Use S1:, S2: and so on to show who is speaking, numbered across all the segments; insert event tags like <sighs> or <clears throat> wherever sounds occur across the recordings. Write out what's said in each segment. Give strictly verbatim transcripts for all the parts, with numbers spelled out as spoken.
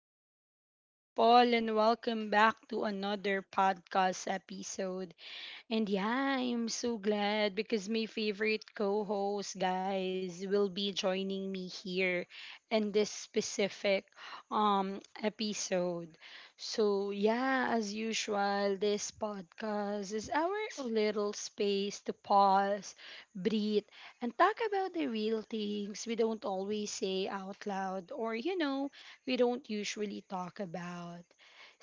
S1: beautiful people, and welcome back to another podcast episode. And yeah, I'm so glad because my favorite co host, guys, will be joining me here in this specific um, episode. So, yeah, as usual, this podcast is our little space to pause, breathe, and talk about the real things we don't always say out loud or, you know, we don't usually talk about.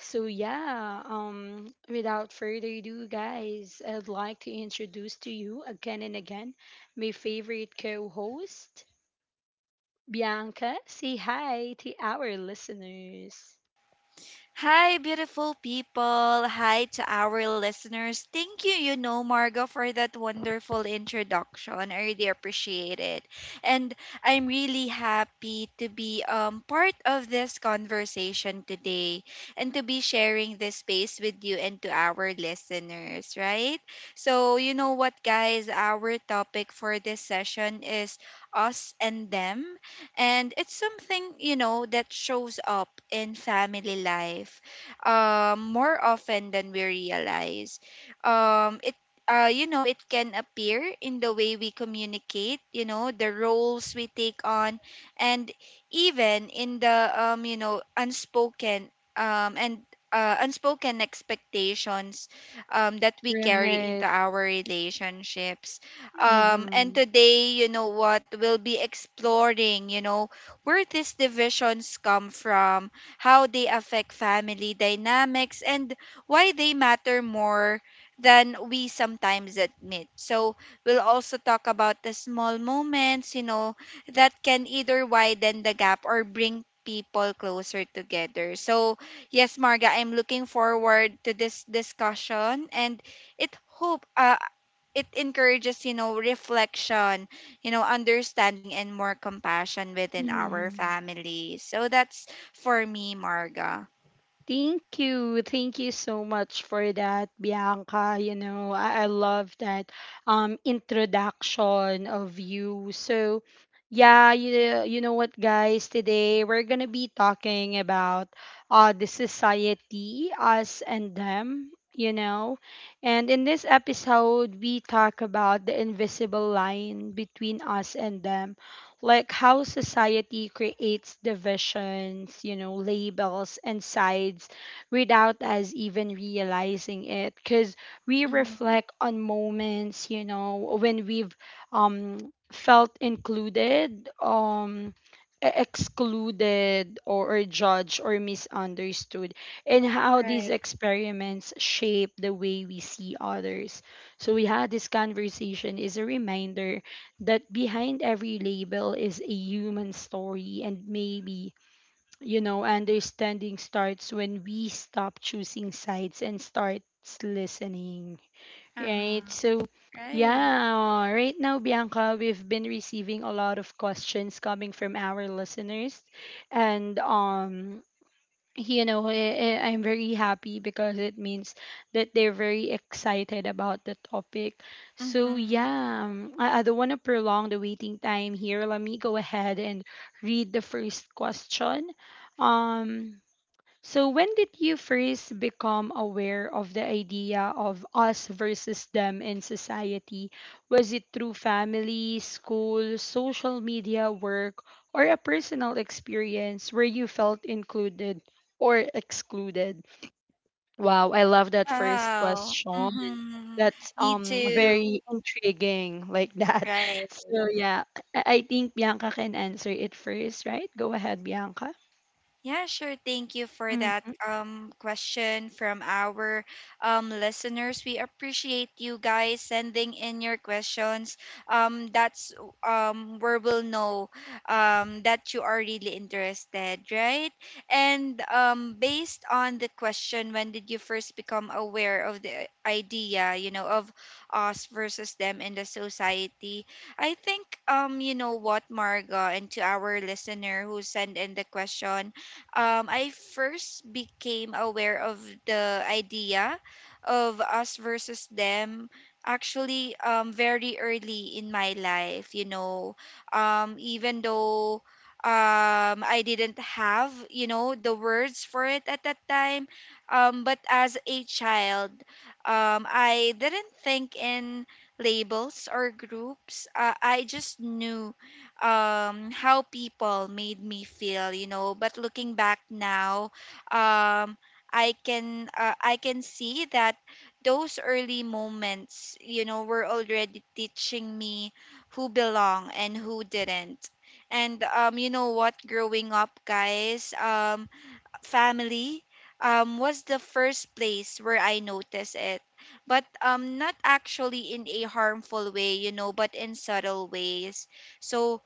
S1: So yeah, um, without further ado, guys, I'd like to introduce to you again and again my favorite co-host, Bianca. Say hi to our listeners.
S2: Hi, beautiful people. Hi to our listeners. Thank you, you know, Margo, for that wonderful introduction. I really appreciate it. And I'm really happy to be um, part of this conversation today, and to be sharing this space with you and to our listeners, right? So, you know what, guys? Our topic for this session is us and them, and it's something you know that shows up in family life um, more often than we realize. Um, it uh, you know It can appear in the way we communicate, you know the roles we take on, and even in the um, you know unspoken, um, and uh, unspoken expectations um, that we carry into
S1: Right.
S2: our relationships. Um, and
S1: Mm-hmm.
S2: today, you know what, we'll be exploring, you know, where these divisions come from, how they affect family dynamics, and why they matter more than we sometimes admit. So we'll also talk about the small moments, you know, that can either widen the gap or bring people closer together. So, yes, Marga, I'm looking forward to this discussion, and it hope uh, it encourages, you know, reflection, you know, understanding, and more compassion within our family. So that's for me, Marga.
S1: Thank you. Thank you so much for that, Bianca. You know, I, I love that um introduction of you. So, yeah, you, you know what, guys? Today we're going to be talking about uh the society, us and them, you know. And in this episode, we talk about the invisible line between us and them, like how society creates divisions, you know, labels and sides without us even realizing it. Because we
S2: Mm-hmm.
S1: reflect on moments, you know, when we've um, felt included, um, e- excluded, or, or judged or misunderstood, and how these
S2: Right.
S1: experiments shape the way we see others. So, yeah, this conversation is a reminder that behind every label is a human story, and maybe, you know, understanding starts when we stop choosing sides and starts listening,
S2: Uh-huh.
S1: right? So
S2: Right.
S1: yeah, right now, Bianca, we've been receiving a lot of questions coming from our listeners, and um you know, eh, eh, I'm very happy because it means that they're very excited about the topic. So,
S2: Mm-hmm.
S1: yeah, um, I, I don't want to prolong the waiting time here. Let me go ahead and read the first question. Um, so, when did you first become aware of the idea of us versus them in society? Was it through family, school, social media, work, or a personal experience where you felt included or excluded? Wow, I love that first
S2: Wow.
S1: question.
S2: Mm-hmm.
S1: That's
S2: Me
S1: um
S2: too.
S1: very intriguing like that.
S2: Right.
S1: <laughs> So yeah, I I think Bianca can answer it first, right? Go ahead, Bianca.
S2: Yeah, sure. Thank you for that
S1: Hmm.
S2: um question from our um listeners. We appreciate you guys sending in your questions. Um that's um where we'll know um that you are really interested, right? And um based on the question, when did you first become aware of the idea, you know, of us versus them in the society? I think, um you know what, Marga, and to our listener who sent in the question, um, I first became aware of the idea of us versus them, actually, um, very early in my life, you know. Um, even though, um, I didn't have, you know, the words for it at that time, um, but as a child, um, I didn't think in labels or groups. Uh, I just knew um how people made me feel you know but looking back now um i can uh, i can see that those early moments, you know were already teaching me who belong and who didn't. And um you know what, growing up, guys, um family um was the first place where i noticed it, but um not actually in a harmful way you know but in subtle ways. So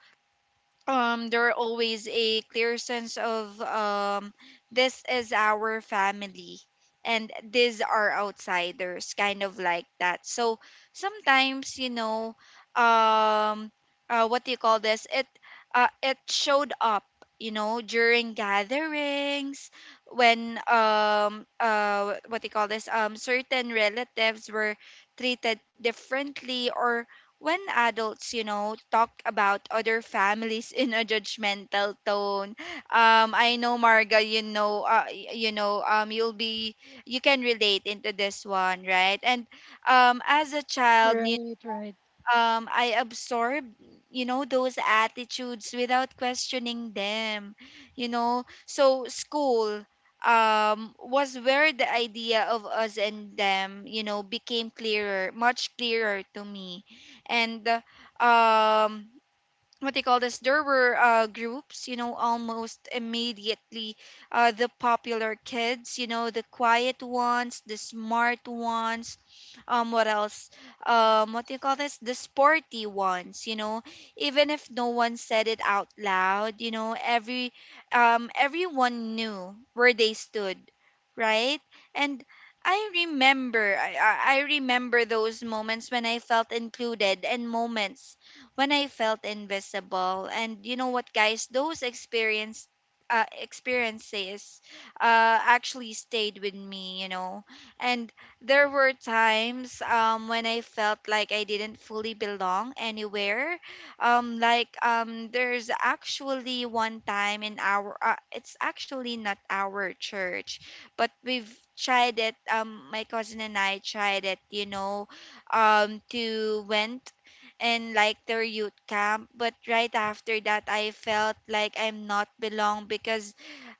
S2: um there are always a clear sense of, um this is our family, and these are outsiders, kind of like that. So sometimes, you know um uh, what do you call this it uh, it showed up, you know during gatherings when um uh what do you call this um certain relatives were treated differently, or when adults, you know, talk about other families <laughs> in a judgmental tone. Um, I know, Marga, you know, uh, y- you know, um, you'll be, you can relate into this one, right? And um, as a child,
S1: Right, right.
S2: um I absorb, you know those attitudes without questioning them. You know so school um was where the idea of us and them, you know became clearer, much clearer to me. And uh, um what they call this there were uh, groups, you know almost immediately: uh, the popular kids, you know the quiet ones, the smart ones, um what else um what do you call this the sporty ones you know Even if no one said it out loud, you know every um everyone knew where they stood, right? And I remember I, I I remember those moments when I felt included, and moments when I felt invisible. And you know what, guys, those experience uh, experiences uh, actually stayed with me, you know. And there were times, um, when I felt like I didn't fully belong anywhere. Um, like, um, there's actually one time in our, uh, it's actually not our church, but we've tried it. Um, my cousin and I tried it, you know, um, to went and like their youth camp, but right after that, i felt like i'm not belong, because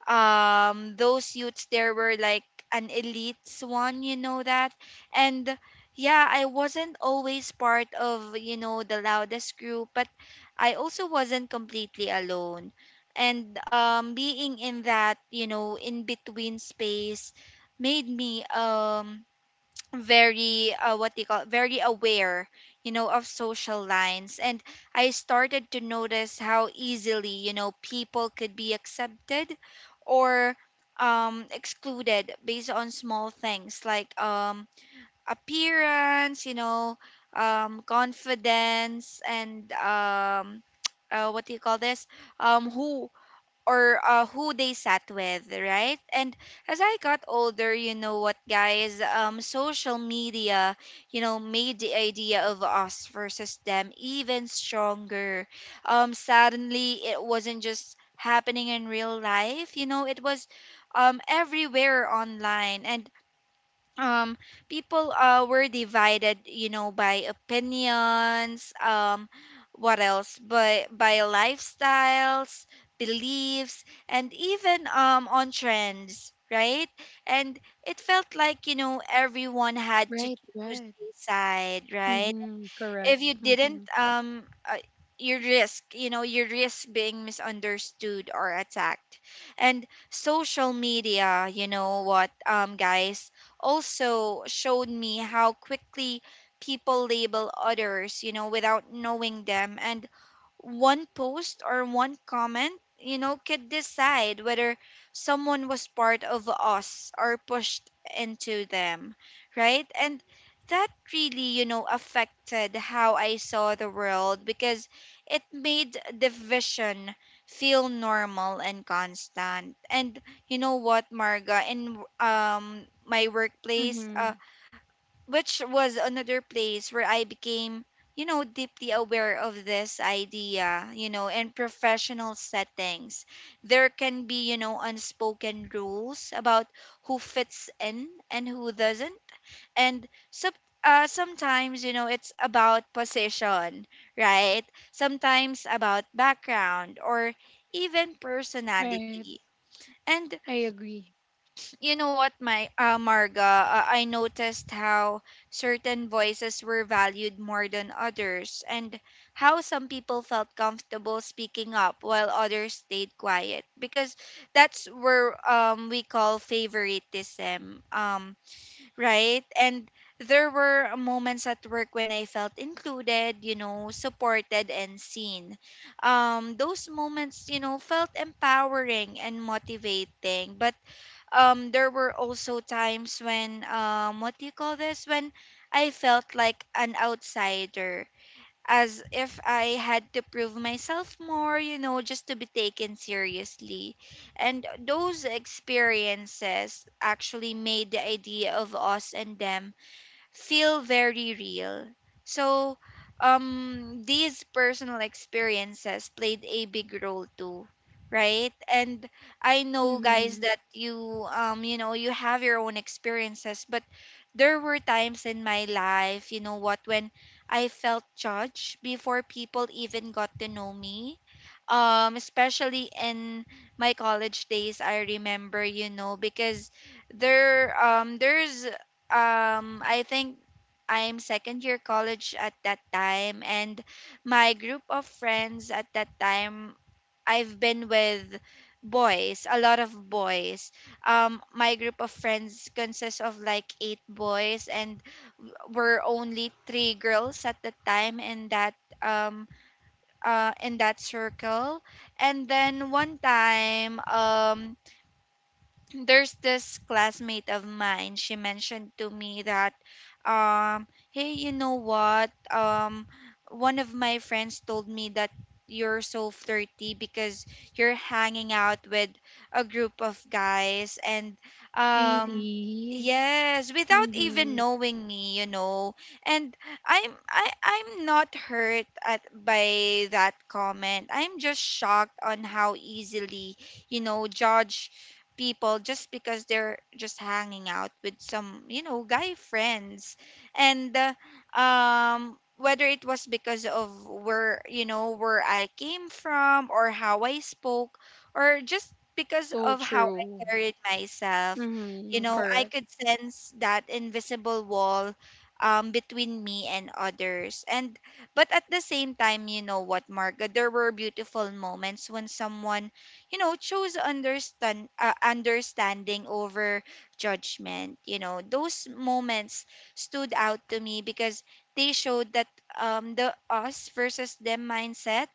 S2: um those youths there were like an elites one, you know that. And yeah, I wasn't always part of, you know the loudest group, but I also wasn't completely alone. And um being in that, you know in between space made me um very uh, what they call very aware, you know of social lines. And i started to notice how easily, you know people could be accepted, or um excluded based on small things like, um appearance, you know um confidence, and um <tsk> uh, what do you call this um who or uh, who they sat with, right? And as I got older, you know what, guys, um, social media, you know, made the idea of us versus them even stronger. Um, suddenly, it wasn't just happening in real life, you know, it was, um, everywhere online. And um people uh were divided, you know, by opinions, um what else by by lifestyles, beliefs, and even um on trends, right? And it felt like, you know everyone had to
S1: Right,
S2: choose
S1: right.
S2: a side, right?
S1: Mm-hmm. Correct.
S2: If you
S1: Mm-hmm.
S2: didn't, um uh, you risk you know you risk being misunderstood or attacked. And social media, you know what, um guys, also showed me how quickly people label others, you know, without knowing them. And one post or one comment, you know, could decide whether someone was part of us or pushed into them, right? And that really, you know, affected how I saw the world, because it made division feel normal and constant. And you know what, Marga, in um my workplace, uh,
S1: Mm-hmm.
S2: which was another place where I became, you know, deeply aware of this idea, you know, in professional settings. There can be, you know, unspoken rules about who fits in and who doesn't. And sub uh, sometimes, you know, it's about position, right? Sometimes about background, or even
S1: Right.
S2: personality. And
S1: I agree.
S2: you know what, my uh, Marga, uh, I noticed how certain voices were valued more than others, and how some people felt comfortable speaking up while others stayed quiet. Because that's where um we call favoritism, um, right? And there were moments at work when I felt included, you know, supported, and seen. Um, those moments, you know, felt empowering and motivating, but um there were also times when um what do you call this when I felt like an outsider, as if I had to prove myself more, you know, just to be taken seriously. And those experiences actually made the idea of us and them feel very real. So, um, these personal experiences played a big role too, right? And I know, guys,
S1: Mm-hmm.
S2: that you, um, you know, you have your own experiences, but there were times in my life, you know what, when I felt judged before people even got to know me, um especially in my college days. I remember, you know because there um there's um i think i'm second year college at that time, and my group of friends at that time, i've been with boys, a lot of boys. Um my group of friends consists of like eight boys, and were only three girls at the time in that um uh, in that circle. And then one time, um, there's this classmate of mine, she mentioned to me that, um, hey, you know what, um one of my friends told me that you're so flirty because you're hanging out with a group of guys. And um
S1: Really?
S2: yes, without even
S1: Mm-hmm.
S2: knowing me you know And i'm I, i'm not hurt at by that comment, i'm just shocked on how easily, you know judge people just because they're just hanging out with some, you know guy friends. And uh, um whether it was because of where you know where I came from, or how I spoke, or just because
S1: So
S2: of how I
S1: true.
S2: carried myself, you
S1: Mm-hmm.
S2: know I
S1: Correct.
S2: could sense that invisible wall, um, between me and others. And but at the same time, you know what, Marga, there were beautiful moments when someone, you know chose understand uh, understanding over judgment you know Those moments stood out to me because they showed that um the us versus them mindset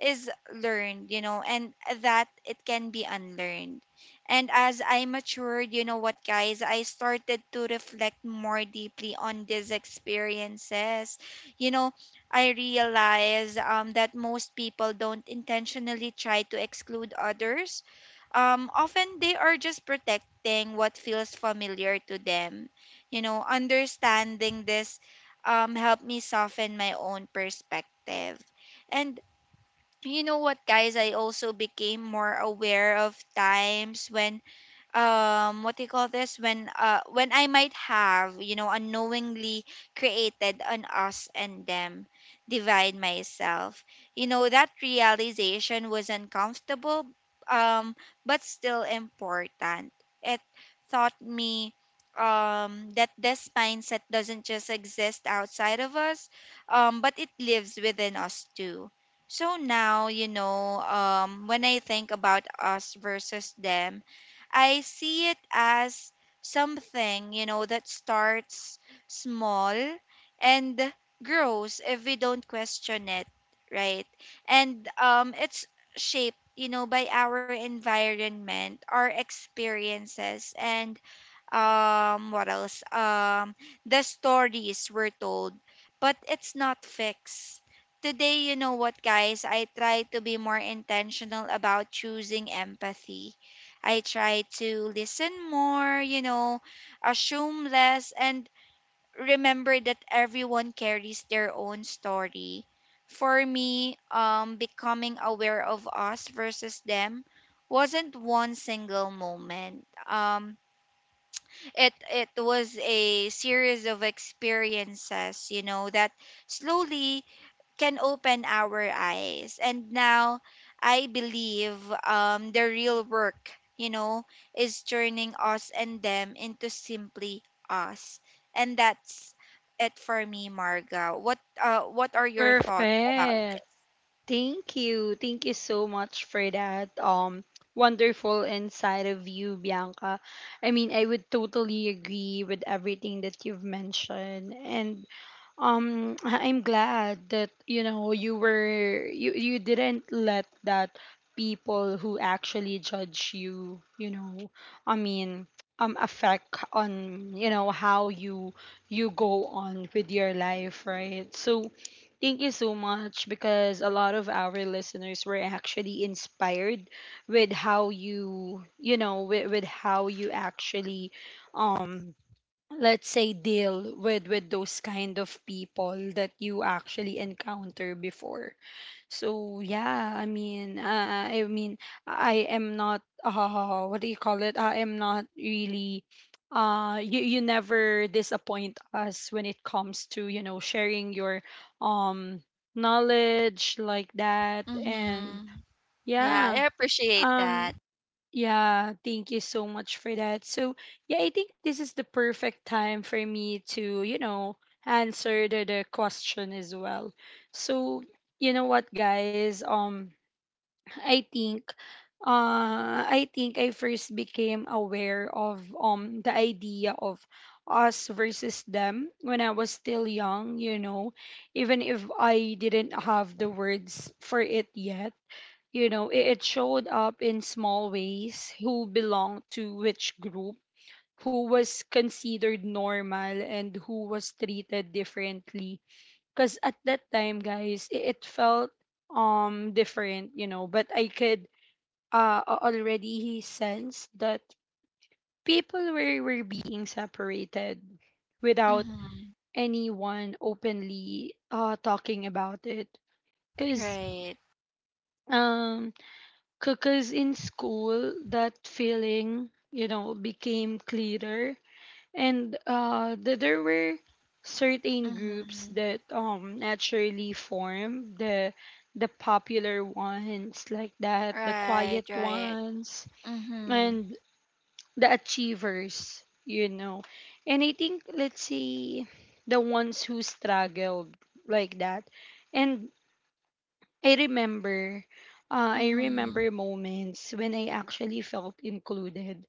S2: is learned, you know, and that it can be unlearned. And as I matured, you know what, guys, I started to reflect more deeply on these experiences. You know, I realized, um, that most people don't intentionally try to exclude others. Um, often they are just protecting what feels familiar to them. You know, understanding this, um, helped me soften my own perspective. And you know what, guys? I also became more aware of times when um what do you call this when uh when I might have you know unknowingly created an us and them divide myself you know That realization was uncomfortable, um but still important. It taught me um that this mindset doesn't just exist outside of us, um but it lives within us too. So now, you know um when I think about us versus them, I see it as something, you know, that starts small and grows if we don't question it, right? And um it's shaped, you know, by our environment, our experiences, and um what else um the stories were told. But it's not fixed. Today, you know what, guys, I try to be more intentional about choosing empathy. I try to listen more, you know assume less, and remember that everyone carries their own story. For me, um becoming aware of us versus them wasn't one single moment. Um it it was a series of experiences you know that slowly can open our eyes. And now I believe um the real work you know is turning us and them into simply us. And that's it for me, Marga. What uh what are your thoughts about?
S1: Perfect. Thank you. Thank you so much for that um wonderful insight of you, Bianca. I mean, I would totally agree with everything that you've mentioned, and um <clears throat> I- I'm glad that, you know, you were, you you didn't let that people who actually judge you, you know, I mean, um affect on you know how you you go on with your life, right? So thank you so much, because a lot of our listeners were actually inspired with how you, you know, with, with how you actually um let's say deal with with those kind of people that you actually encounter before. So yeah, I mean, uh, I mean, I am not. Uh, what do you call it? I am not really. Uh, you you never disappoint us when it comes to you know sharing your um knowledge like that, and
S2: Mm-hmm. Yeah,
S1: yeah.
S2: I appreciate
S1: um
S2: that.
S1: yeah, thank you so much for that. So, yeah, I think this is the perfect time for me to, you know, answer the, the question as well. So, you know what, guys? Um, <sighs> I think, uh, I think I first became aware of um the idea of us versus them when I was still young, you know, even if I didn't have the words for it yet. You know, it, it showed up in small ways: who belonged to which group, who was considered normal, and who was treated differently. Because at that time, guys, it, it felt um different, you know, but I could uh a- already sense that people were, were being separated without
S2: Mm-hmm.
S1: anyone openly uh talking about it. Because
S2: Right.
S1: um because in school, that feeling, you know, became clearer. And uh, th- there were certain groups
S2: Mm-hmm.
S1: that um, naturally formed: the the popular ones like that, the
S2: Right,
S1: quiet
S2: right.
S1: ones,
S2: Mm-hmm.
S1: and the achievers, you know. And I think, let's say, the ones who struggled like that. And I remember, uh, I remember
S2: Mhm.
S1: moments when I actually felt included,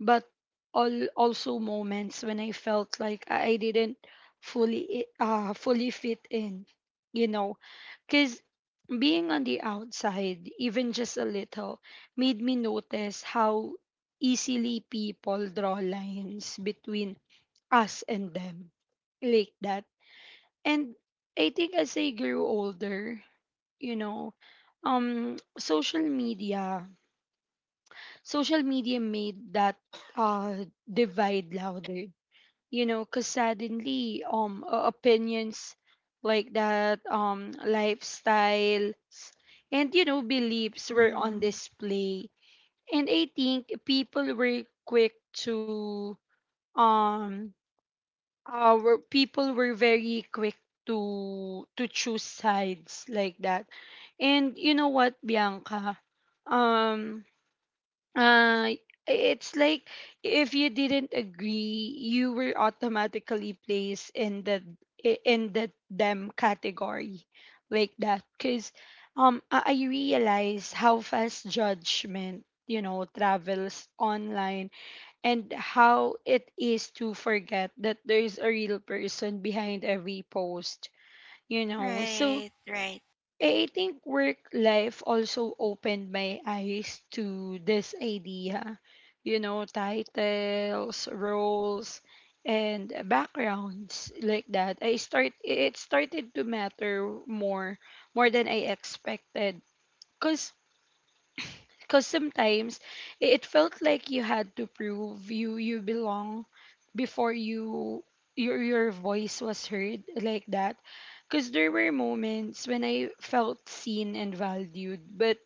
S1: but all also moments when I felt like I didn't fully eh, uh fully fit in, you know, because being on the outside, even just a little, made me notice how easily people draw lines between us and them, like that. And I think as I grew older, you know, um social media social media made that uh divide louder, you know, because suddenly um o- opinions like that, um lifestyles, and you know beliefs were on
S2: Mhm.
S1: display, and I think people were quick to um our people were very quick to to choose sides like that. And you know what, Bianca? Um uh it's like if you didn't agree, you were automatically placed in the i- in the them category like that, cuz um I I realized how fast judgment, you know, travels online and how it is to forget that there is a real person behind every post, you know. So I
S2: Right, right.
S1: I think work life also opened my eyes to this idea, you know, titles, roles, and backgrounds like that. I start it started to matter more more than I expected, cause because sometimes i- it felt like you had to prove you you belong before you your your voice was heard like that, because there were moments when I felt seen and valued, but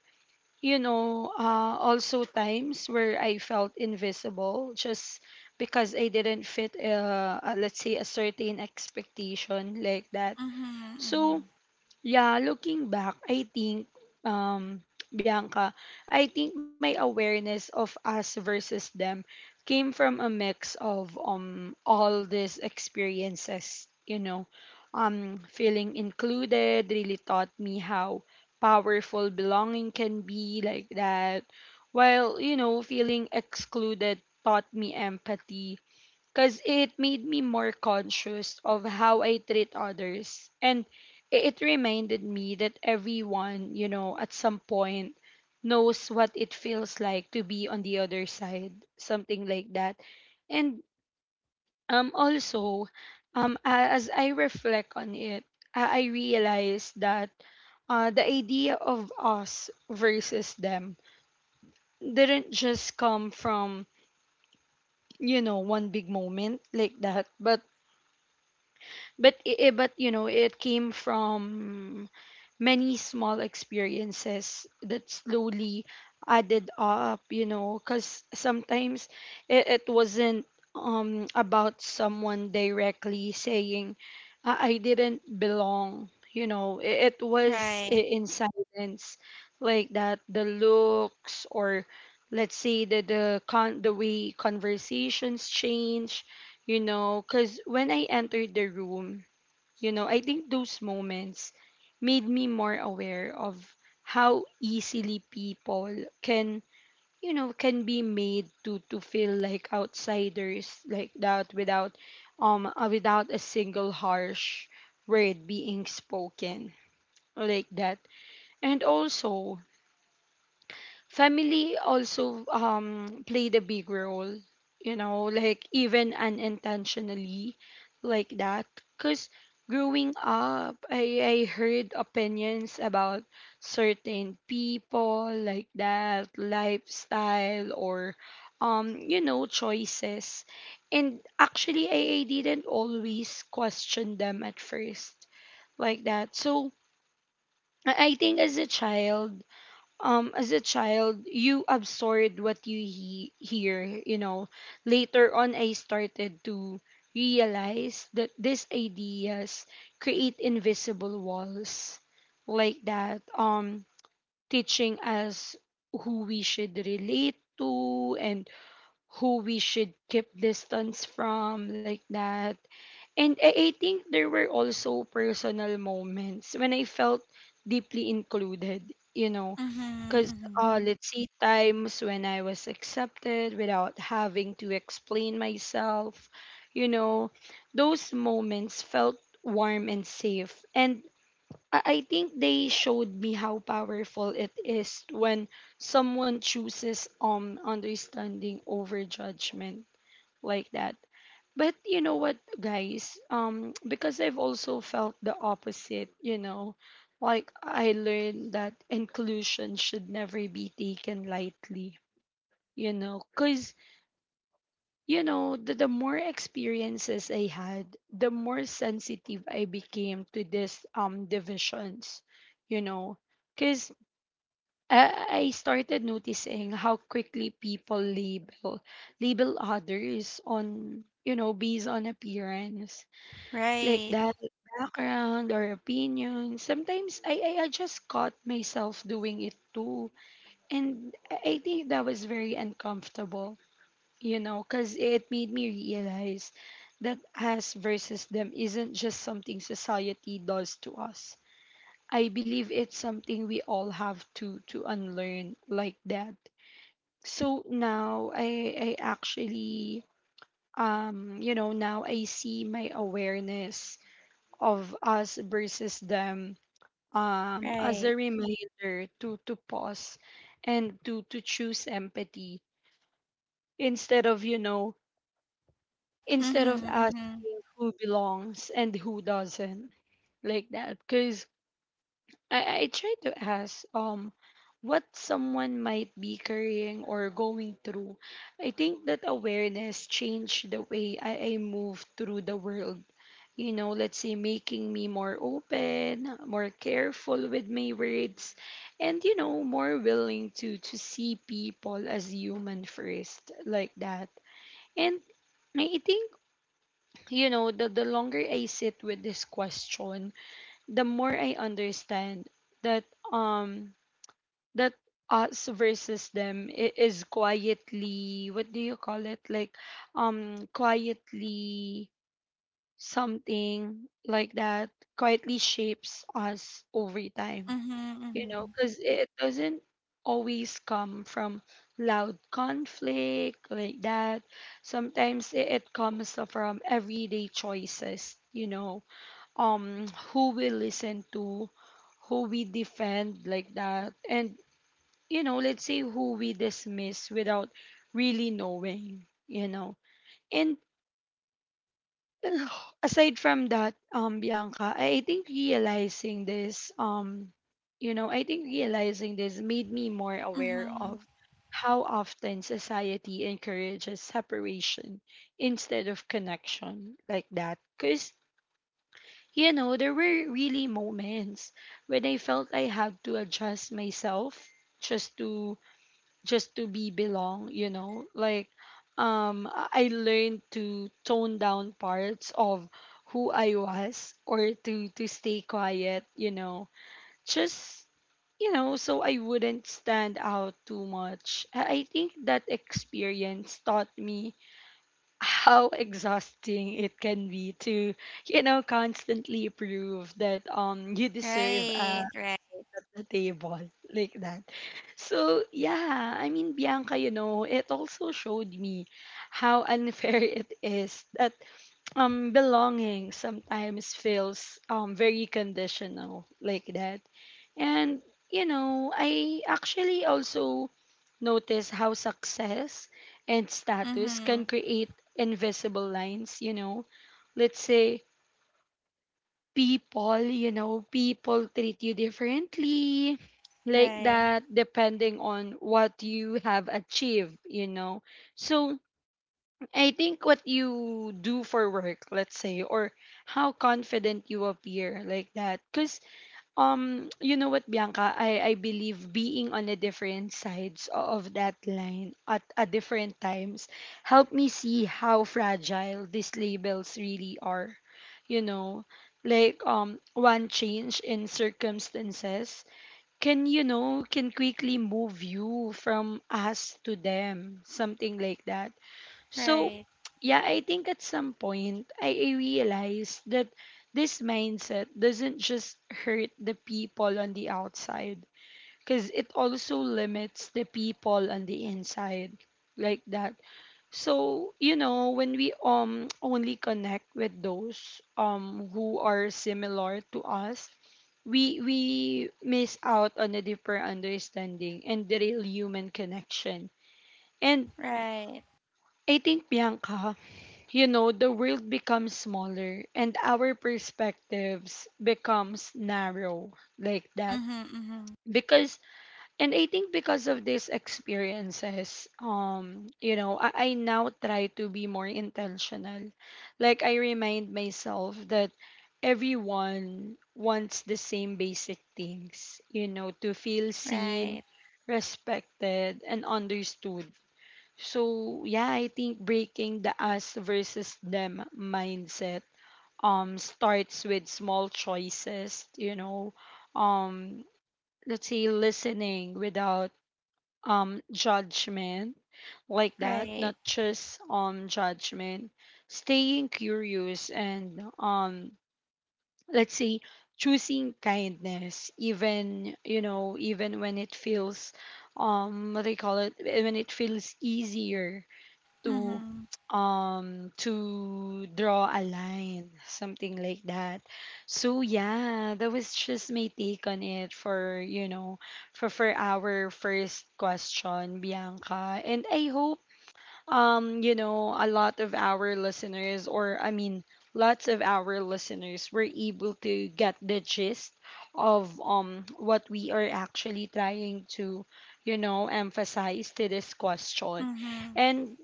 S1: you know uh, also times where I felt invisible just because I didn't fit, uh, uh, let's say a certain expectation like that.
S2: Mhm.
S1: So
S2: Mhm.
S1: yeah, looking back, I think, um, <tsk> Bianca, I think my awareness of us versus them came from a mix of um all these experiences, you know. Um, feeling included really taught me how powerful belonging can be like that. While, you know, feeling excluded taught me empathy because it made me more conscious of how I treat others. And i- it reminded me that everyone, you know, at some point knows what it feels like to be on the other side, something like that. And um, also, um, a- as I reflect on it, I I realized that uh, the idea of us versus them didn't just come from, you know, one big moment like that, but but i- i- but you know it came from many small experiences that slowly added up, you know, because sometimes it, it wasn't um about someone directly saying i, I didn't belong. You know, it, it was
S2: Right.
S1: i- in silence like that, the looks, or let's say the the con the way conversations change, you know, because when I entered the room, you know, I think those moments made me more aware of how easily people can, you know, can be made to to feel like outsiders like that, without um uh, without a single harsh word being spoken like that. And also, family also um played a big role, you know, like even unintentionally like that, because growing up I, I heard opinions about certain people like that, lifestyle or um you know choices, and actually I, I didn't always question them at first like that. so i I think as a child, um, as a child, you absorbed what you he- hear, you know. Later on, I started to realize that these ideas create invisible walls like that, um, teaching us who we should relate to and who we should keep distance from, like that. And I, I think there were also personal moments when I felt deeply included, you know,
S2: Mhm.
S1: because
S2: Mhm.
S1: uh, Mm-hmm. Let's see, times when I was accepted without having to explain myself, you know, those moments felt warm and safe. And I I think they showed me how powerful it is when someone chooses um understanding over judgment like that. But you know what, guys? Um, because I've also felt the opposite. You know, like I learned that inclusion should never be taken lightly. You know, cause you know, the, the more experiences I had, the more sensitive I became to this um divisions, you know, because I, I started noticing how quickly people label label others on you know based on appearance like
S2: Right,
S1: that, background, or opinion. Sometimes I, I I just caught myself doing it too, and i I think that was very uncomfortable, you know, because it made me realize that us versus them isn't just something society does to us. I believe it's something we all have to to unlearn like that. So now I I actually, um you know now I see my awareness of us versus them um as a
S2: right.
S1: reminder to to pause and to to choose empathy, instead of you know instead
S2: Mhm.
S1: of
S2: Mhm.
S1: asking who belongs and who doesn't, like that. Because I, I try to ask, um what someone might be carrying or going through. I think that awareness changed the way i, I move through the world, you know, let's say making me more open, more careful with my words, and you know, more willing to to see people as human first, like that. And I think, you know, the, the longer I sit with this question, the more I understand that um that us versus them i- is quietly, what do you call it, like, um quietly something like that quietly shapes us over time,
S2: Mhm.
S1: you know,
S2: Mhm.
S1: because it doesn't always come from loud conflict, like that. Sometimes it, it comes from everyday choices, you know, um, who we listen to, who we defend, like that, and you know, let's say who we dismiss without really knowing, you know. And <sighs> aside from that, um, Bianca, I I think realizing this, um, you know, I think realizing this made me more aware
S2: Mhm.
S1: of how often society encourages separation instead of connection, like that. Because, you know, there were really moments when I felt I had to adjust myself just to just to be belong, you know? Like, um I I learned to tone down parts of who I was, or to to stay quiet, you know. Just, you know, so I wouldn't stand out too much. I I think that experience taught me how <laughs> exhausting it can be to, you know, constantly prove that, um you deserve a
S2: Right, right.
S1: the table <laughs> like that. So yeah, I mean, Bianca, you know, it also showed me how unfair <laughs> it is that, um belonging sometimes feels um very conditional, like that. And you know, I actually also notice how success and status can
S2: Mhm.
S1: create invisible lines, you know. Let's say people, you know, people treat you differently, like
S2: Right,
S1: that, depending on what you have achieved, you know. So, I think what you do for work, let's say, or how confident you appear, like that, cuz um, you know what, Bianca? I, I believe being on a different sides o- of that line at a different times helped me see how fragile these labels really are. You know, like, um one change in circumstances can, you know, can quickly move you from us to them, something like that. So,
S2: right.
S1: yeah, I think at some point I, I realized that this mindset doesn't just hurt the people on the outside, because it also limits the people on the inside, like that. So, you know, when we, um <tsk> only connect with those, um who are similar to us, we we miss out on a deeper understanding and the real human connection. And
S2: Right.
S1: I think, Bianca, you know, the world becomes smaller and our perspectives becomes narrow, like that.
S2: Mhm. Mhm.
S1: Because, and I think because of these experiences, um, you know, I, I now try to be more intentional. Like, I remind myself that everyone wants the same basic things, you know, to feel seen,
S2: Right,
S1: respected, and understood. So yeah, I think breaking the us versus them mindset um starts with small choices, you know. Um let's say listening without um judgment, like that,
S2: right.
S1: not just um judgment, staying curious, and um let's say choosing kindness, even, you know, even when it feels, um what do you call it when it feels easier to
S2: Mhm.
S1: um to draw a line, something like that. So yeah, that was just my take on it for, you know for for our first question, Bianca, and I hope, um, you know, a lot of our listeners, or I mean, lots of our listeners were able to get the gist of, um what we are actually trying to, you know, emphasize to this question.
S2: Mhm.
S1: And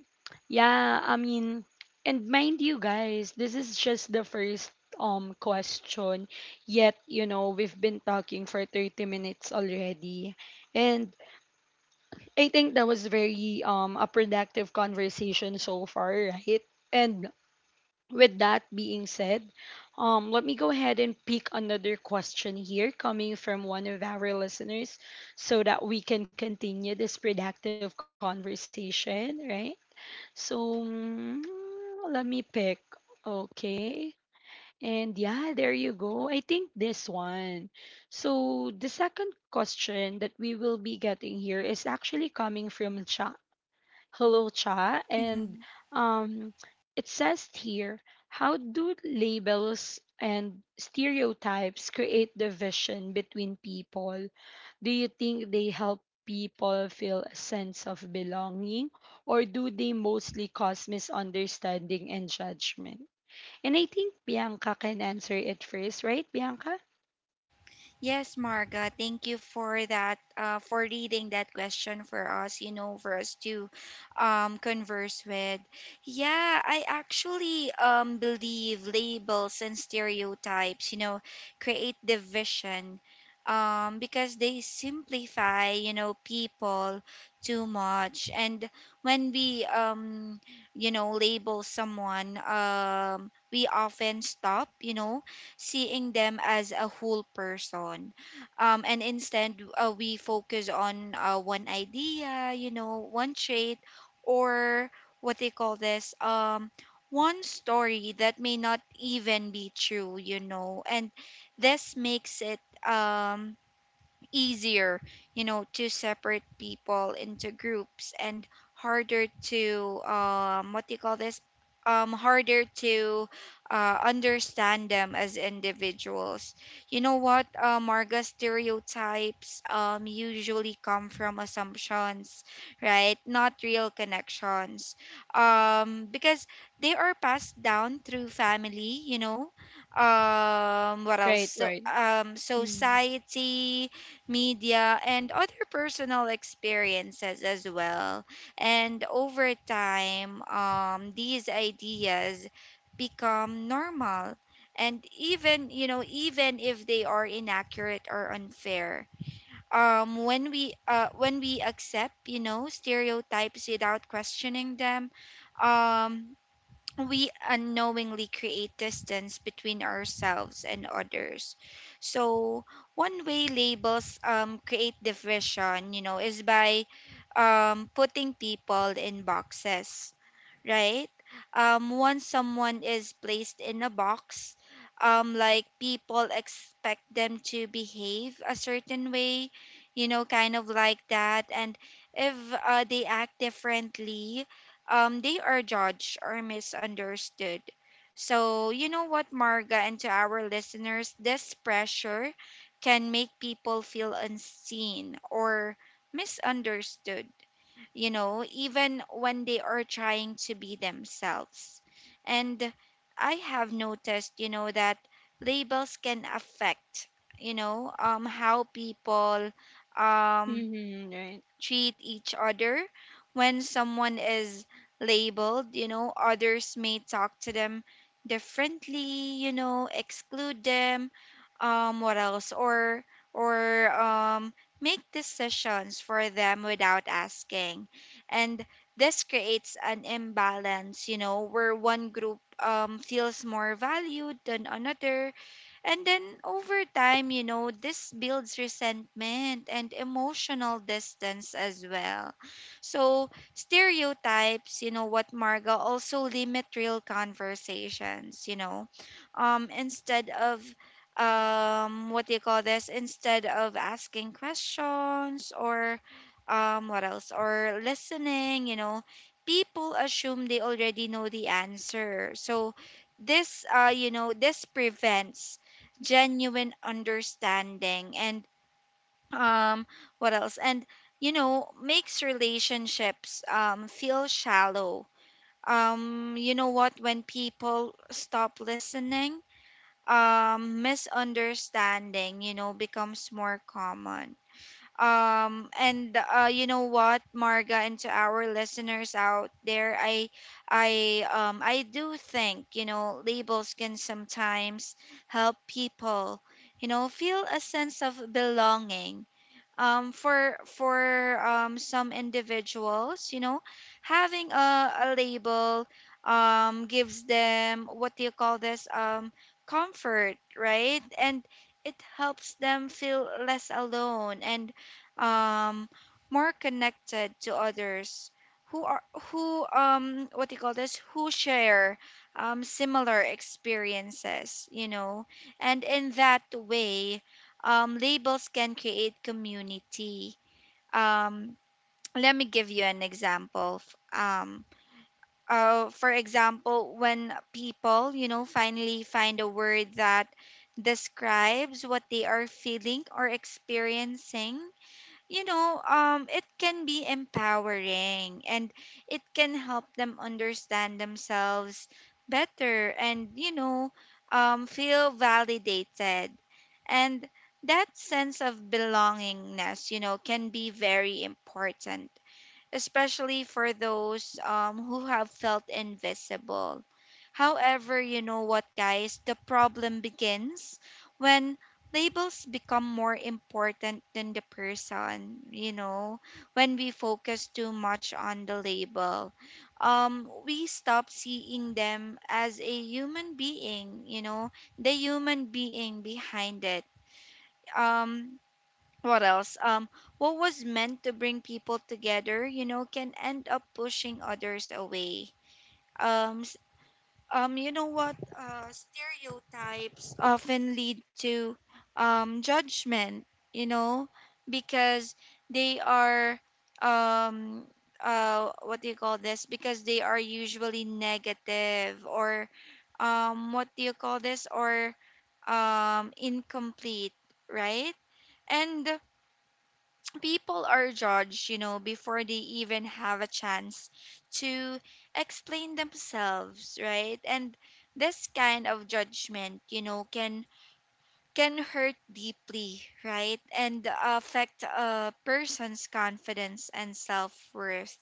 S1: yeah, I mean, and mind you guys, this is just the first um question. Yet, you know, we've been talking for thirty minutes already. And I think that was very um a productive conversation so far, right? And with that being said, um let me go ahead and pick another question here coming from one of our listeners, so that we can continue this productive conversation, right? So, mm, let me pick. Okay. And yeah, there you go. I think this one. So the second question that we will be getting here is actually coming from Cha. Hello Cha, and
S2: Mhm.
S1: um it says here, how do labels and stereotypes create division between people? Do you think they help people feel a sense of belonging, or do they mostly cause misunderstanding and judgment? And I think Bianca can answer it first, right Bianca?
S2: Yes, Marga, thank you for that, uh, for reading that question for us, you know, for us to um, converse with. Yeah, I actually um, believe labels and stereotypes, you know, create division, um, because they simplify, you know, people too much. And when we, um, you know, label someone, um, we often stop, you know, seeing them as a whole person. Um, and instead, uh, we focus on uh, one idea, you know, one trait, or what they call this, um, one story that may not even be true, you know. And this makes it Um, easier, you know, to separate people into groups and harder to um what do you call this? Um, harder to uh, understand them as individuals. You know what? Uh, Marga, stereotypes um, usually come from assumptions, right? Not real connections. Um, because they are passed down through family, you know, um what else
S1: Right,
S2: so
S1: right.
S2: um
S1: Mm.
S2: society, media, and other personal experiences as well. And over time, um, these ideas become normal. And even, you know, even if they are inaccurate or unfair, um, when we uh, when we accept, you know, stereotypes without questioning them, um, we unknowingly create distance between ourselves and others. So one way labels um, create division, you know, is by um, putting people in boxes, right? Um, once someone is placed in a box, um, like people expect them to behave a certain way, you know, kind of like that. And if uh, they act differently, um, they are judged or misunderstood. So, you know what, Marga, and to our listeners, this pressure can make people feel unseen or misunderstood, you know, even when they are trying to be themselves. And I have noticed, you know, that labels can affect, you know, um, how people um,
S1: Hmm. Right.
S2: treat each other. When someone is labeled, you know, others may talk to them differently, you know, exclude them, um, what else, or or um, make decisions for them without asking, and this creates an imbalance, you know, where one group um, feels more valued than another. And then over time, you know, this builds resentment and emotional distance as well. So, stereotypes, you know what, Marga, also limit real conversations, you know. Um, instead of um what do you call this instead of asking questions or um what else or listening, you know people assume they already know the answer. So this uh you know this prevents genuine understanding and um what else and you know makes relationships um feel shallow. Um you know what, when people stop listening, um misunderstanding you know becomes more common. Um, and uh, you know what, Marga, and to our listeners out there, I, I, um, I do think you know labels can sometimes help people, you know, feel a sense of belonging. Um, for for um, some individuals, you know, having a, a label um, gives them what do you call this um, comfort, right? And it helps them feel less alone and um, more connected to others who are who um what do you call this who share um similar experiences, you know and in that way, um, labels can create community. Um, Let me give you an example. F- Um, uh, for example, when people, you know, finally find a word that describes what they are feeling or experiencing, you know, um, it can be empowering and it can help them understand themselves better and, you know, um, feel validated. And that sense of belongingness, you know, can be very important, especially for those um, who have felt invisible. However, you know what, guys, the problem begins when labels become more important than the person, you know, when we focus too much on the label. Um, we stop seeing them as a human being, you know, the human being behind it. Um, what else? Um, what was meant to bring people together, you know, can end up pushing others away. Um, s- um, you know what? Uh, stereotypes often lead to um, judgment, you know, because they are um, uh, what do you call this? Because they are usually negative or um, what do you call this? Or um, incomplete, right? And people are judged, you know, before they even have a chance to explain themselves, right? And this kind of judgment, you know, can can hurt deeply, right? And affect a person's confidence and self-worth.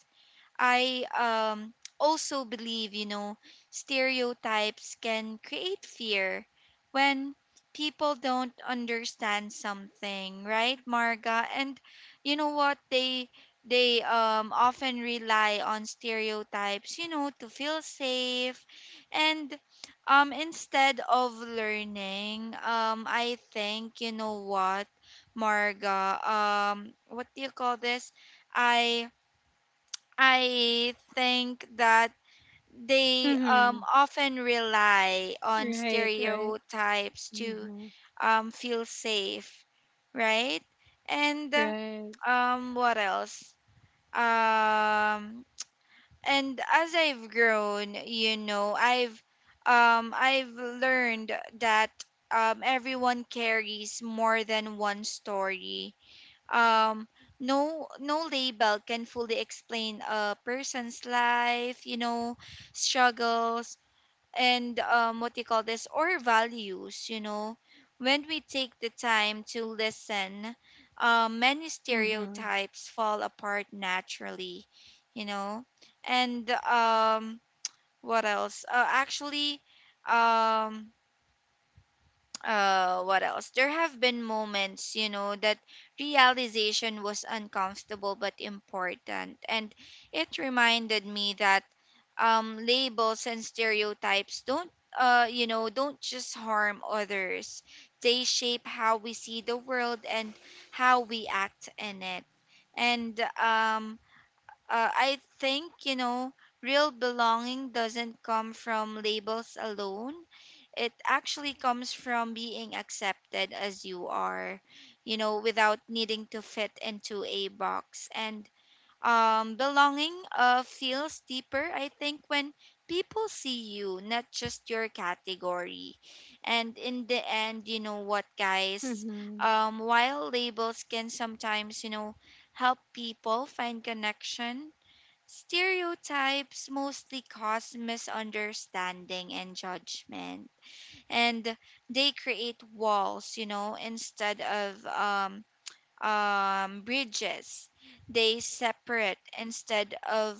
S2: I um, also believe, you know, stereotypes can create fear when people don't understand something, right, Marga? And you know what? They they um, often rely on stereotypes, you know, to feel safe. And um, instead of learning, um, I think, you know what, Marga? Um, what do you call this? I I think that they
S1: Mm-hmm.
S2: um, often rely on
S1: Right, right.
S2: stereotypes to
S1: Mm-hmm.
S2: um, feel safe, right? And uh,
S1: Right.
S2: um, what else? Um, and as I've grown, you know, I've um, I've learned that um, everyone carries more than one story. Um no no label can fully explain a person's life, you know struggles, and um what you call this or values. You know when we take the time to listen, uh, many
S1: Mm-hmm.
S2: stereotypes fall apart naturally you know and um what else uh, actually um uh, what else? There have been moments, you know, that realization was uncomfortable but important. And it reminded me that um, labels and stereotypes don't, uh, you know, don't just harm others, they shape how we see the world and how we act in it. And um, uh, I think, you know, real belonging doesn't come from labels alone. It actually comes from being accepted as you are, you know, without needing to fit into a box. And um, belonging uh, feels deeper, I think, when people see you, not just your category. And in the end, you know what, guys,
S1: Mm-hmm.
S2: um, while labels can sometimes, you know, help people find connection, stereotypes mostly cause misunderstanding and judgment. And they create walls you know instead of um um, bridges. They separate instead of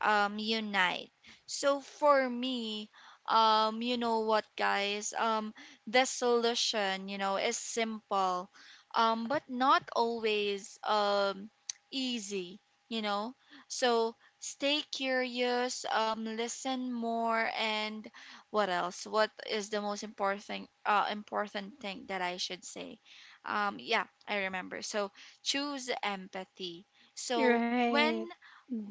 S2: um, unite. So for me, um, you know what, guys, Um, the solution, you know, is simple, um, but not always um, easy. You know, so stay curious, um, listen more, and what else? What is the most important uh, important thing that I should say? Um, yeah, I remember. So choose empathy. So when
S1: Right.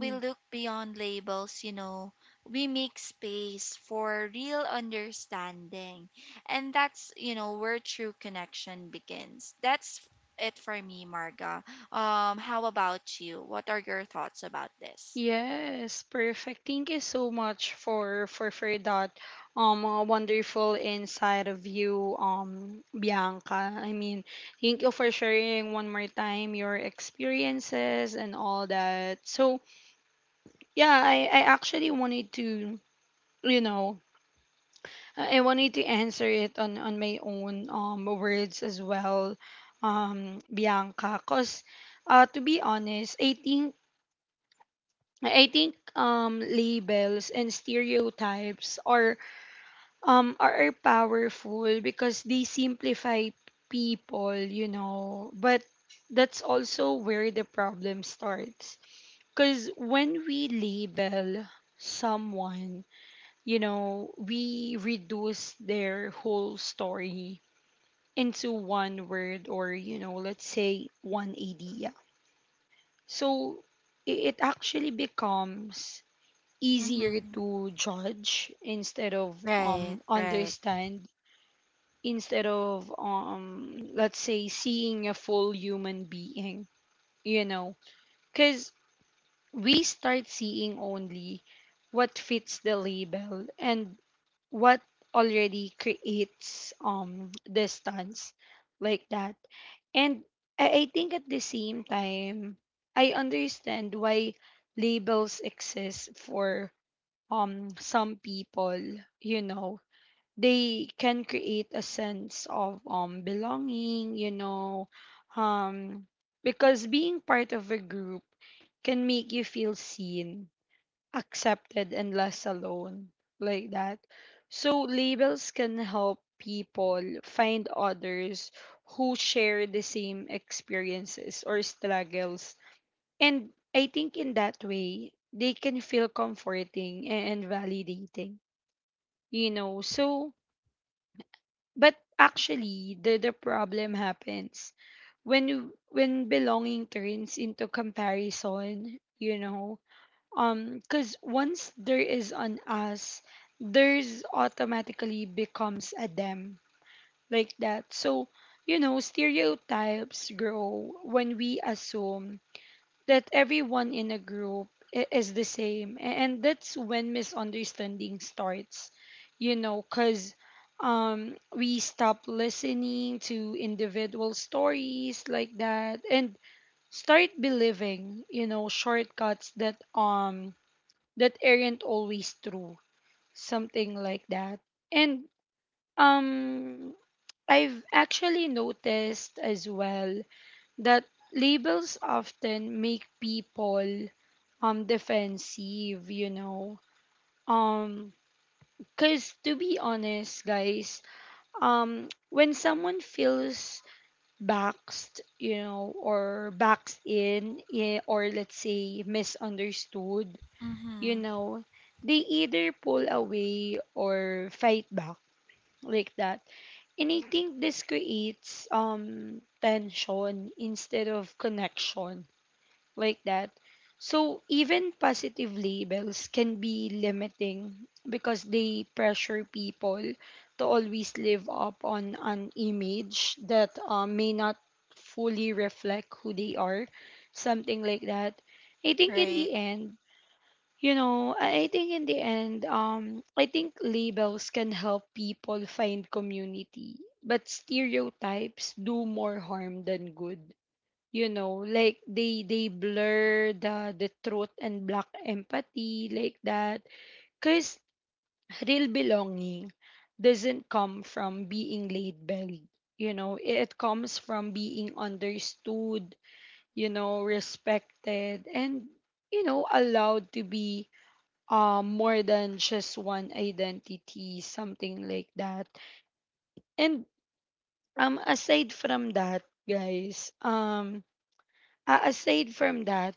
S2: we look beyond labels, you know, we make space for real understanding. And that's, you know, where true connection begins. That's it for me, Marga. Um, how about you? What are your thoughts about this?
S1: Yes, perfect. Thank you so much for for for that um uh, wonderful insight of you, um Bianca. I mean, thank you for sharing one more time your experiences and all that. So yeah, I I actually wanted to, you know, I I wanted to answer it on on my own um words as well, um Bianca, cause uh to be honest, I think I think um, labels and stereotypes are um are, are powerful because they simplify people, you know. But that's also where the problem starts. Because when we label someone, you know, we reduce their whole story into one word, or, you know, let's say one idea. So i- it actually becomes easier
S2: Mm-hmm.
S1: to judge instead of um
S2: Right, right.
S1: understand, instead of um let's say seeing a full human being, you know, cuz we start seeing only what fits the label, and what already creates um distance, like that. And I, I think at the same time, I understand why labels exist, for um some people, you know, they can create a sense of um belonging, you know, um because being part of a group can make you feel seen, accepted, and less alone, like that. So labels can help people find others who share the same experiences or struggles. And I think in that way, they can feel comforting and validating, you know. So, but actually, the, the problem happens when you- when belonging turns into comparison, you know. Um, because once there is an us, there's automatically becomes a them, like that. So, you know, stereotypes grow when we assume that everyone in a group i- is the same. A- And that's when misunderstanding starts, you know, because, um, we stop listening to individual stories, like that, and start believing, you know, shortcuts that um that aren't always true, something like that. And, um I've actually noticed as well that labels often make people um defensive, you know, um because to be honest guys, um when someone feels boxed, you know, or boxed in, eh, or let's say misunderstood, you
S2: Mm-hmm.
S1: know, they either pull away or fight back, like that. And I think this creates um tension instead of connection, like that. So even positive labels can be limiting because they pressure people to always live up on an image that uh, may not fully reflect who they are, something like that. I think in the
S2: Right.
S1: end, you know, I I think in the end, um, I think labels can help people find community, but stereotypes do more harm than good, you know, like they they blur the the truth and black empathy, like that. Because real belonging doesn't come from being labeled, you know, it comes from being understood, you know, respected, and you know, allowed to be um more than just one identity, something like that. And um aside from that, guys, um a- aside from that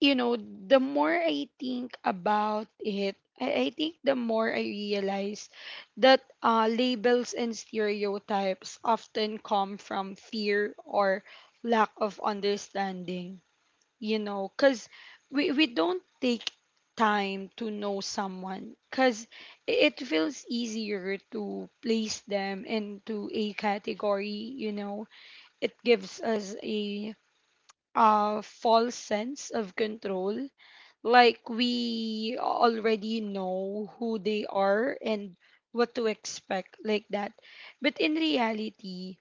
S1: you know, the more I think about it, I, I think the more I realize that, uh, labels and stereotypes often come from fear or lack of understanding, you know, because we, we don't take time to know someone, because it feels easier to place them into a category, you know, it gives us a, uh, false sense of control, like we already know who they are and what to expect, like that. But in reality,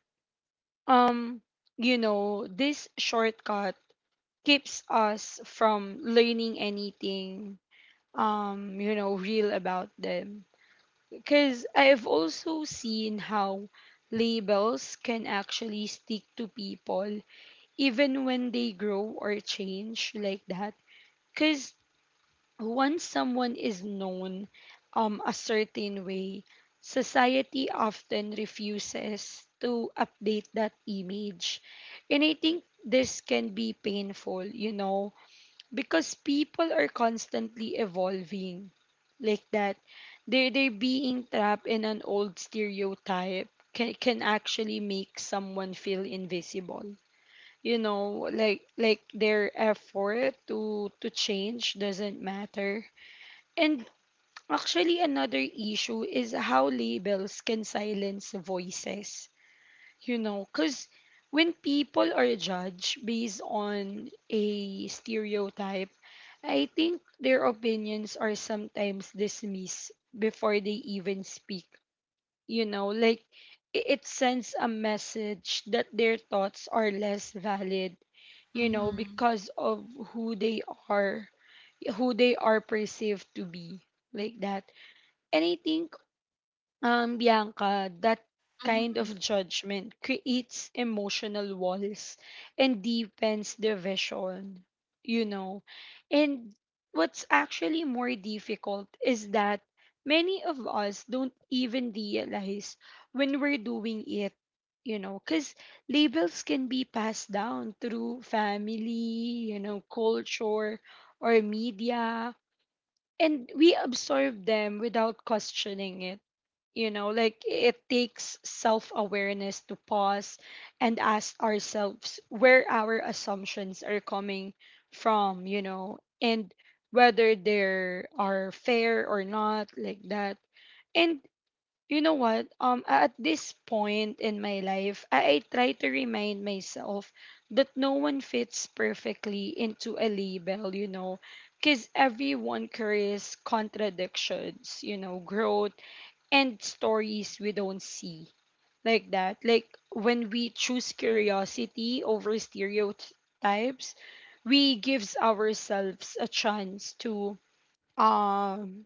S1: um you know, this shortcut keeps us from learning anything, um you know, real about them. Because I've also seen how labels can actually stick to people even when they grow or change, like that. Because once someone is known um, a certain way, society often refuses to update that image. And I think this can be painful, you know, because people are constantly evolving, like that. They're, they're being trapped in an old stereotype can, can actually make someone feel invisible. You know, like, like their effort to to change doesn't matter. And actually, another issue is how labels can silence voices, you know, because when people are judged based on a stereotype, I think their opinions are sometimes dismissed before they even speak, you know, like i- it sends a message that their thoughts are less valid, you know,
S2: Mm-hmm.
S1: because of who they are, who they are perceived to be, like that. And I think, um, Bianca, that kind
S2: Mm-hmm.
S1: of judgment creates emotional walls and deepens division, you know. And what's actually more difficult is that many of us don't even realize when we're doing it, you know, because labels can be passed down through family, you know, culture, or media, and we absorb them without questioning it. You know like it takes self-awareness to pause and ask ourselves where our assumptions are coming from, you know and whether they are fair or not, like that. And you know what um a- at this point in my life, I, I try to remind myself that no one fits perfectly into a label, you know because everyone carries contradictions, you know growth and stories we don't see, like that. Like when we choose curiosity over stereotypes, we gives ourselves a chance to um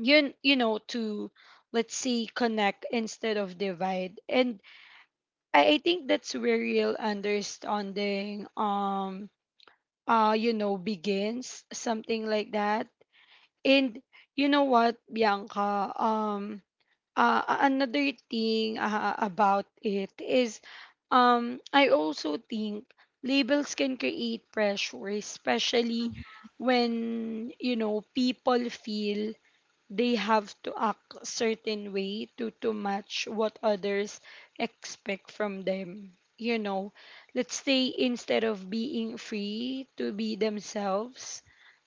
S1: you you know to let's see connect instead of divide. And I, I think that's where real understanding um uh you know begins, something like that. And you know what bianca um uh, a- another thing uh, about it is, um I also think labels can create pressure, especially when you know people feel they have to act a certain way to to match what others expect from them, you know. Let's say instead of being free to be themselves,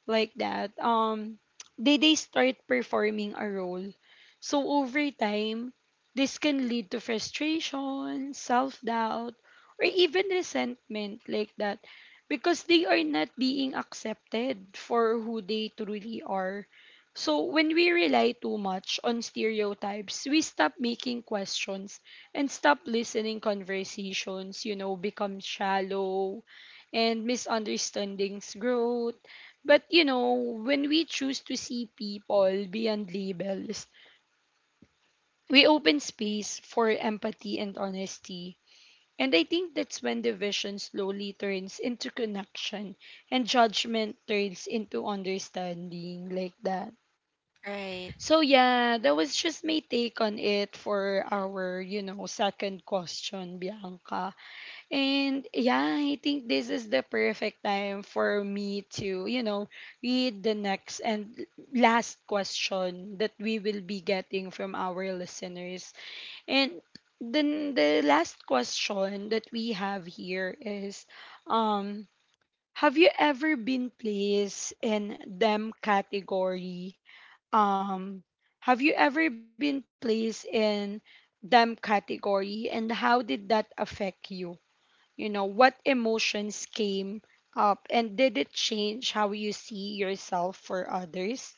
S1: like that, um, they, they start performing a role. So over time, this can lead to frustration, self-doubt, or even resentment, like that, because they are not being accepted for who they truly are. So when we rely too much on stereotypes, we stop making questions and stop listening conversations, you know, become shallow and misunderstandings growth. But you know, when we choose to see people beyond labels, we open space for empathy and honesty. And I think that's when division slowly turns into connection and judgment turns into understanding, like that.
S2: Right.
S1: So yeah, that was just my take on it for our, you know, second question, Bianca. And yeah, I think this is the perfect time for me to, you know, read the next and last question that we will be getting from our listeners. And then the last question that we have here is um have you ever been placed in them category? Um have you ever been placed in them category, and how did that affect you? You know, what emotions came up, and did it change how you see yourself for others?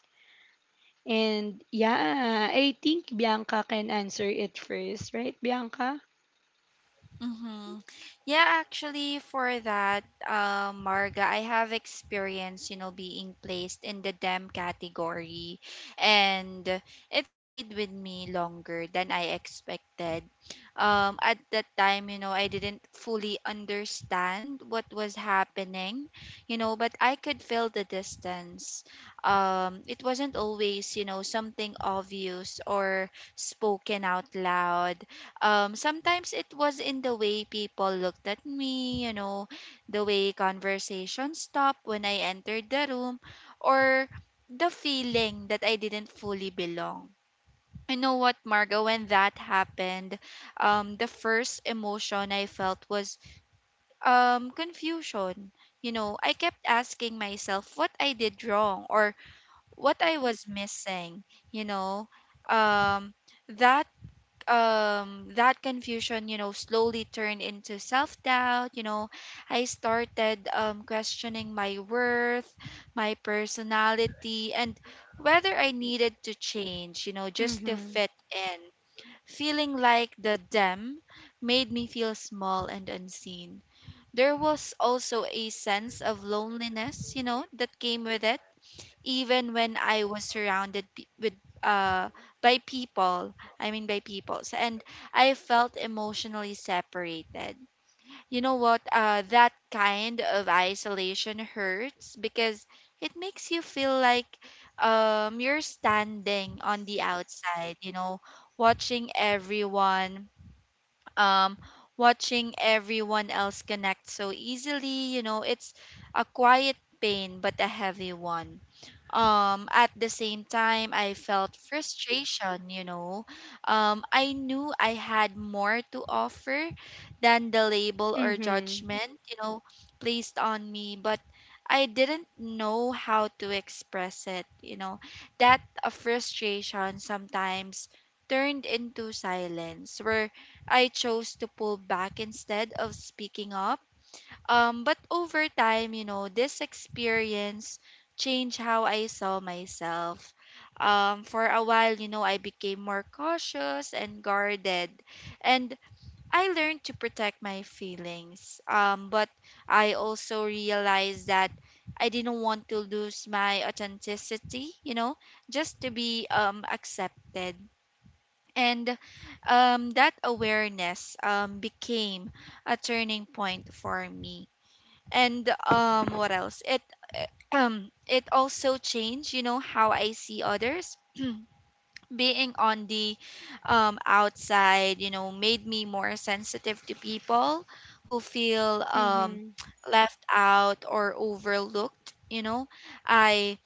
S1: And yeah, I think Bianca can answer it first, right, Bianca?
S2: Mm-hmm. Yeah, actually, for that, uh, Marga, I have experience, you know, being placed in the dem category, and it stayed with me longer than I expected. Um, at that time, you know, I didn't fully understand what was happening, you know, but I could feel the distance. Um, it wasn't always, you know, something obvious or spoken out loud. Um sometimes it was in the way people looked at me, you know the way conversation stopped when I entered the room, or the feeling that I didn't fully belong. You know what, Margo, when that happened, um the first emotion I felt was um confusion. you know I kept asking myself what I did wrong or what I was missing you know um that um that confusion you know slowly turned into self doubt. you know I started um questioning my worth, my personality, and whether I needed to change, you know just to
S1: Mm-hmm.
S2: fit in. Feeling like the dem made me feel small and unseen. There was also a sense of loneliness you know that came with it, even when I was surrounded pe- with uh by people, I mean, by people. So- and I felt emotionally separated. You know what? Uh, that kind of isolation hurts because it makes you feel like um you're standing on the outside. You know, watching everyone um watching everyone else connect so easily. You know, it's a quiet pain, but a heavy one. Um, at the same time, I felt frustration, you know. Um, I knew I had more to offer than the label or
S1: Mm-hmm.
S2: judgment, you know, placed on me, but I didn't know how to express it, you know. That uh, frustration sometimes turned into silence where I chose to pull back instead of speaking up. Um, but over time, you know, this experience changed how I saw myself. Um, for a while, you know, I became more cautious and guarded, and I learned to protect my feelings. Um, but I also realized that I didn't want to lose my authenticity, you know, just to be um, accepted. And um, that awareness um, became a turning point for me. And um what else it uh, um it also changed you know how I see others. <clears throat> Being on the um outside you know made me more sensitive to people who feel um
S1: Mm-hmm.
S2: <tsk> left out or overlooked you know I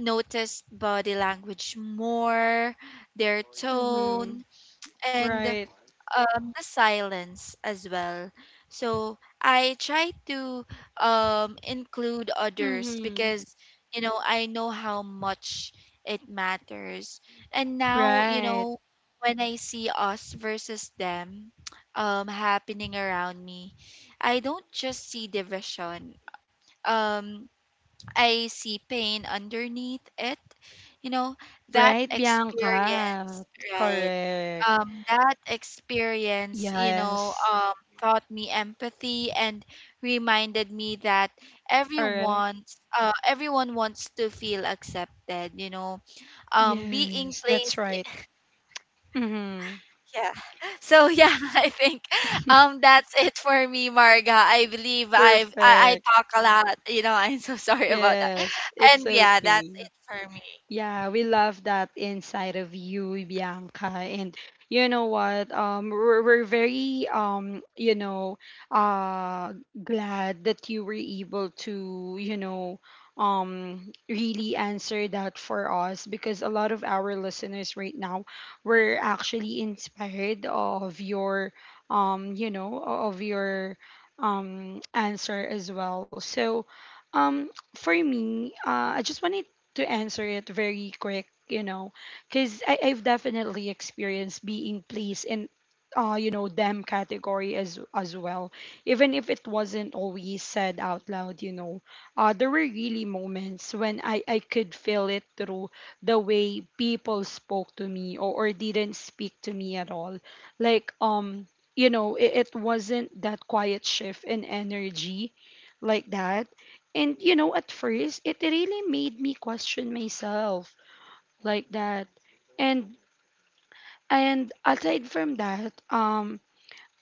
S2: noticed body language more, their
S1: Mm-hmm.
S2: tone, and
S1: Right.
S2: um the silence as well. So I try to um include others
S1: Mm-hmm.
S2: because you know I know how much it matters. And now, you
S1: Right.
S2: know, when I see us versus them um happening around me, I don't just see division. Um I see pain underneath it. You know, that
S1: Right, Bianca.
S2: experience, right?
S1: Correct.
S2: Um, that experience, you know,
S1: Yes.
S2: um, taught me empathy and reminded me that
S1: Correct.
S2: everyone, uh, everyone wants to feel accepted. You know, um, being
S1: Yes, that's
S2: placed
S1: right. Mm-hmm.
S2: Yeah. <laughs> So yeah. <laughs> i think um that's it for me, Marga. I believe i've i, I
S1: Perfect.
S2: talk a lot. you know I'm so <laughs> sorry about that.
S1: Yes, it's
S2: And yeah,
S1: okay.
S2: that's it for me.
S1: Yeah, we love that inside of you, Bianca. And you know what? Um, we're, we're very um, you know, uh, glad that you were able to, you know, um, really answer that for us, because a lot of our listeners right now were actually inspired of your, um, you know, of your, um, answer as well. So, um, for me, uh, I just wanted to answer it very quick, you know, because I've definitely experienced being pleased in, uh, you know, them category as as well. Even if it wasn't always said out loud, you know, uh, there were really moments when I I could feel it through the way people spoke to me, or, or didn't speak to me at all. Like um, you know, it, it wasn't that quiet shift in energy, like that. And you know, at first it really made me question myself, like that. And and aside from that, um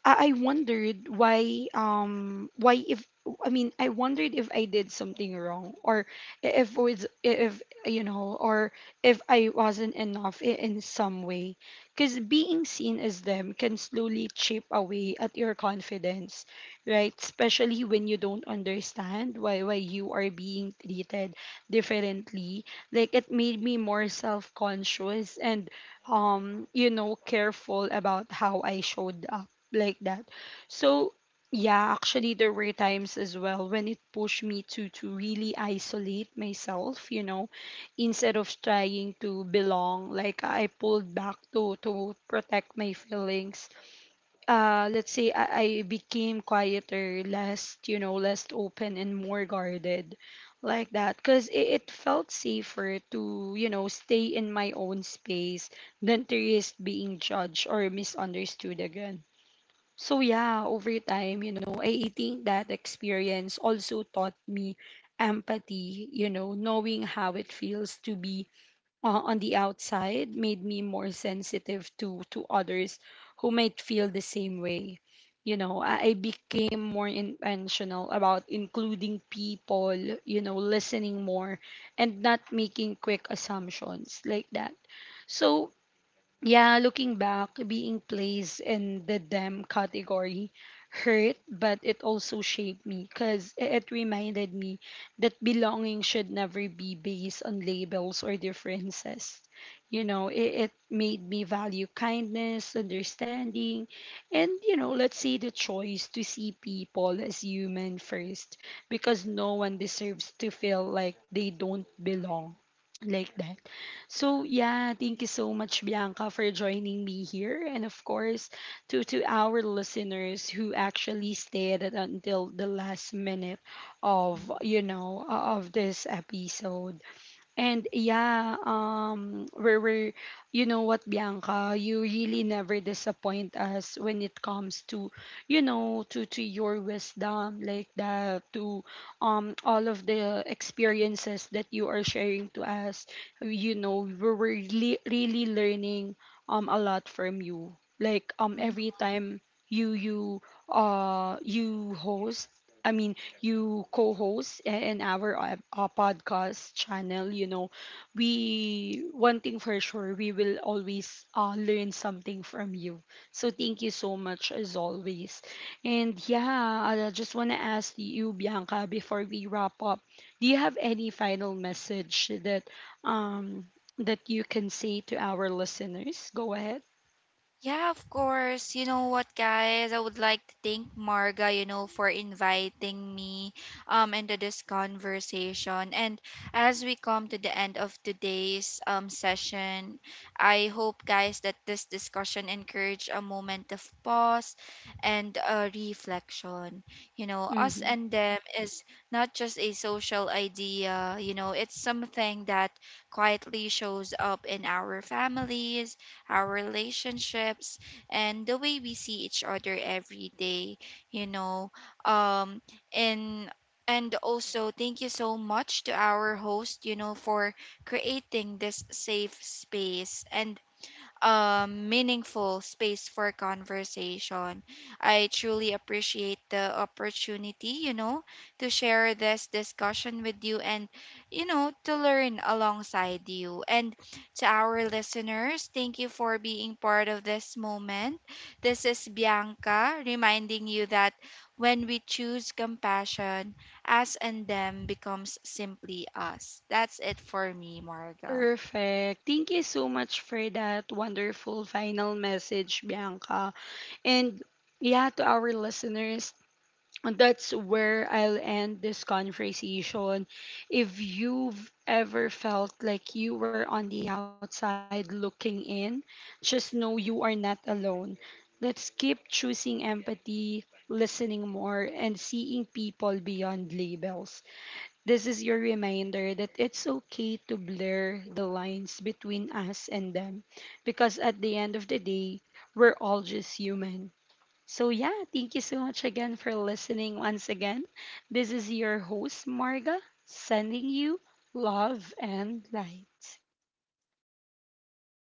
S1: I I wondered why um why if I mean, I wondered if I did something wrong, or if was if you know or if I wasn't enough i- in some way, because being seen as them can slowly chip away at your confidence, right, especially when you don't understand why why you are being treated differently. Like it made me more self-conscious and um you know careful about how I showed up, like that. So yeah, actually there were times as well when it pushed me to to really isolate myself, you know, instead of trying to belong. Like I pulled back to to protect my feelings. Uh let's say I, I became quieter, less, you know, less open and more guarded, like that, because it, it felt safer to you know stay in my own space than to risk being judged or misunderstood again. So yeah, over time, you know, I think that experience also taught me empathy, you know, knowing how it feels to be uh, on the outside, made me more sensitive to to others who might feel the same way. You know, I I became more intentional about including people, you know, listening more, and not making quick assumptions, like that. So yeah, looking back, being placed in the them category hurt, but it also shaped me, because it reminded me that belonging should never be based on labels or differences. You know, it, it made me value kindness, understanding, and, you know, let's say the choice to see people as human first, because no one deserves to feel like they don't belong, like that. So yeah, thank you so much, Bianca, for joining me here, and of course to to our listeners who actually stayed until the last minute of you know uh, of this episode. And yeah, um, we're, we're, you know what, Bianca, you really never disappoint us when it comes to, you know, to, to your wisdom, like that, to um, all of the experiences that you are sharing to us. You know, we we're really, really learning um, a lot from you. Like um,
S2: Mm-hmm.
S1: every time you you uh, you host, I mean, you co host in our uh, uh, podcast channel. You know, we, one thing for sure, we will always uh, learn something from you. So thank you so much as always. And yeah, I just want to ask you, Bianca, before we wrap up, do you have any final message that, um, that you can say to our listeners? Go ahead.
S2: Yeah, of course. You know what, guys? I would like to thank Marga, you know, for inviting me um into this conversation. And as we come to the end of today's um session, I hope, guys, that this discussion encouraged a moment of pause and a reflection. You know, us
S1: Hmm.
S2: and them is not just a social idea, you know, It's something that quietly shows up in our families, our relationships, and the way we see each other every day, you know. Um, and and also thank you so much to our host you know for creating this safe space and um, meaningful space for conversation. I truly appreciate the opportunity, you know, to share this discussion with you and, you know, to learn alongside you. And to our listeners, thank you for being part of this moment. This is Bianca, reminding you that when we choose compassion, us and them becomes simply us. That's it for me, Marga.
S1: Perfect. Thank you so much for that wonderful final message, Bianca. And yeah, to our listeners, that's where I'll end this conversation. If you've ever felt like you were on the outside looking in, just know you are not alone. Let's keep choosing empathy, listening more, and seeing people beyond labels. This is your reminder that it's okay to blur the lines between us and them, because at the end of the day, we're all just human. So, yeah, thank you so much again for listening once again. This is your host, Marga, sending you love and light.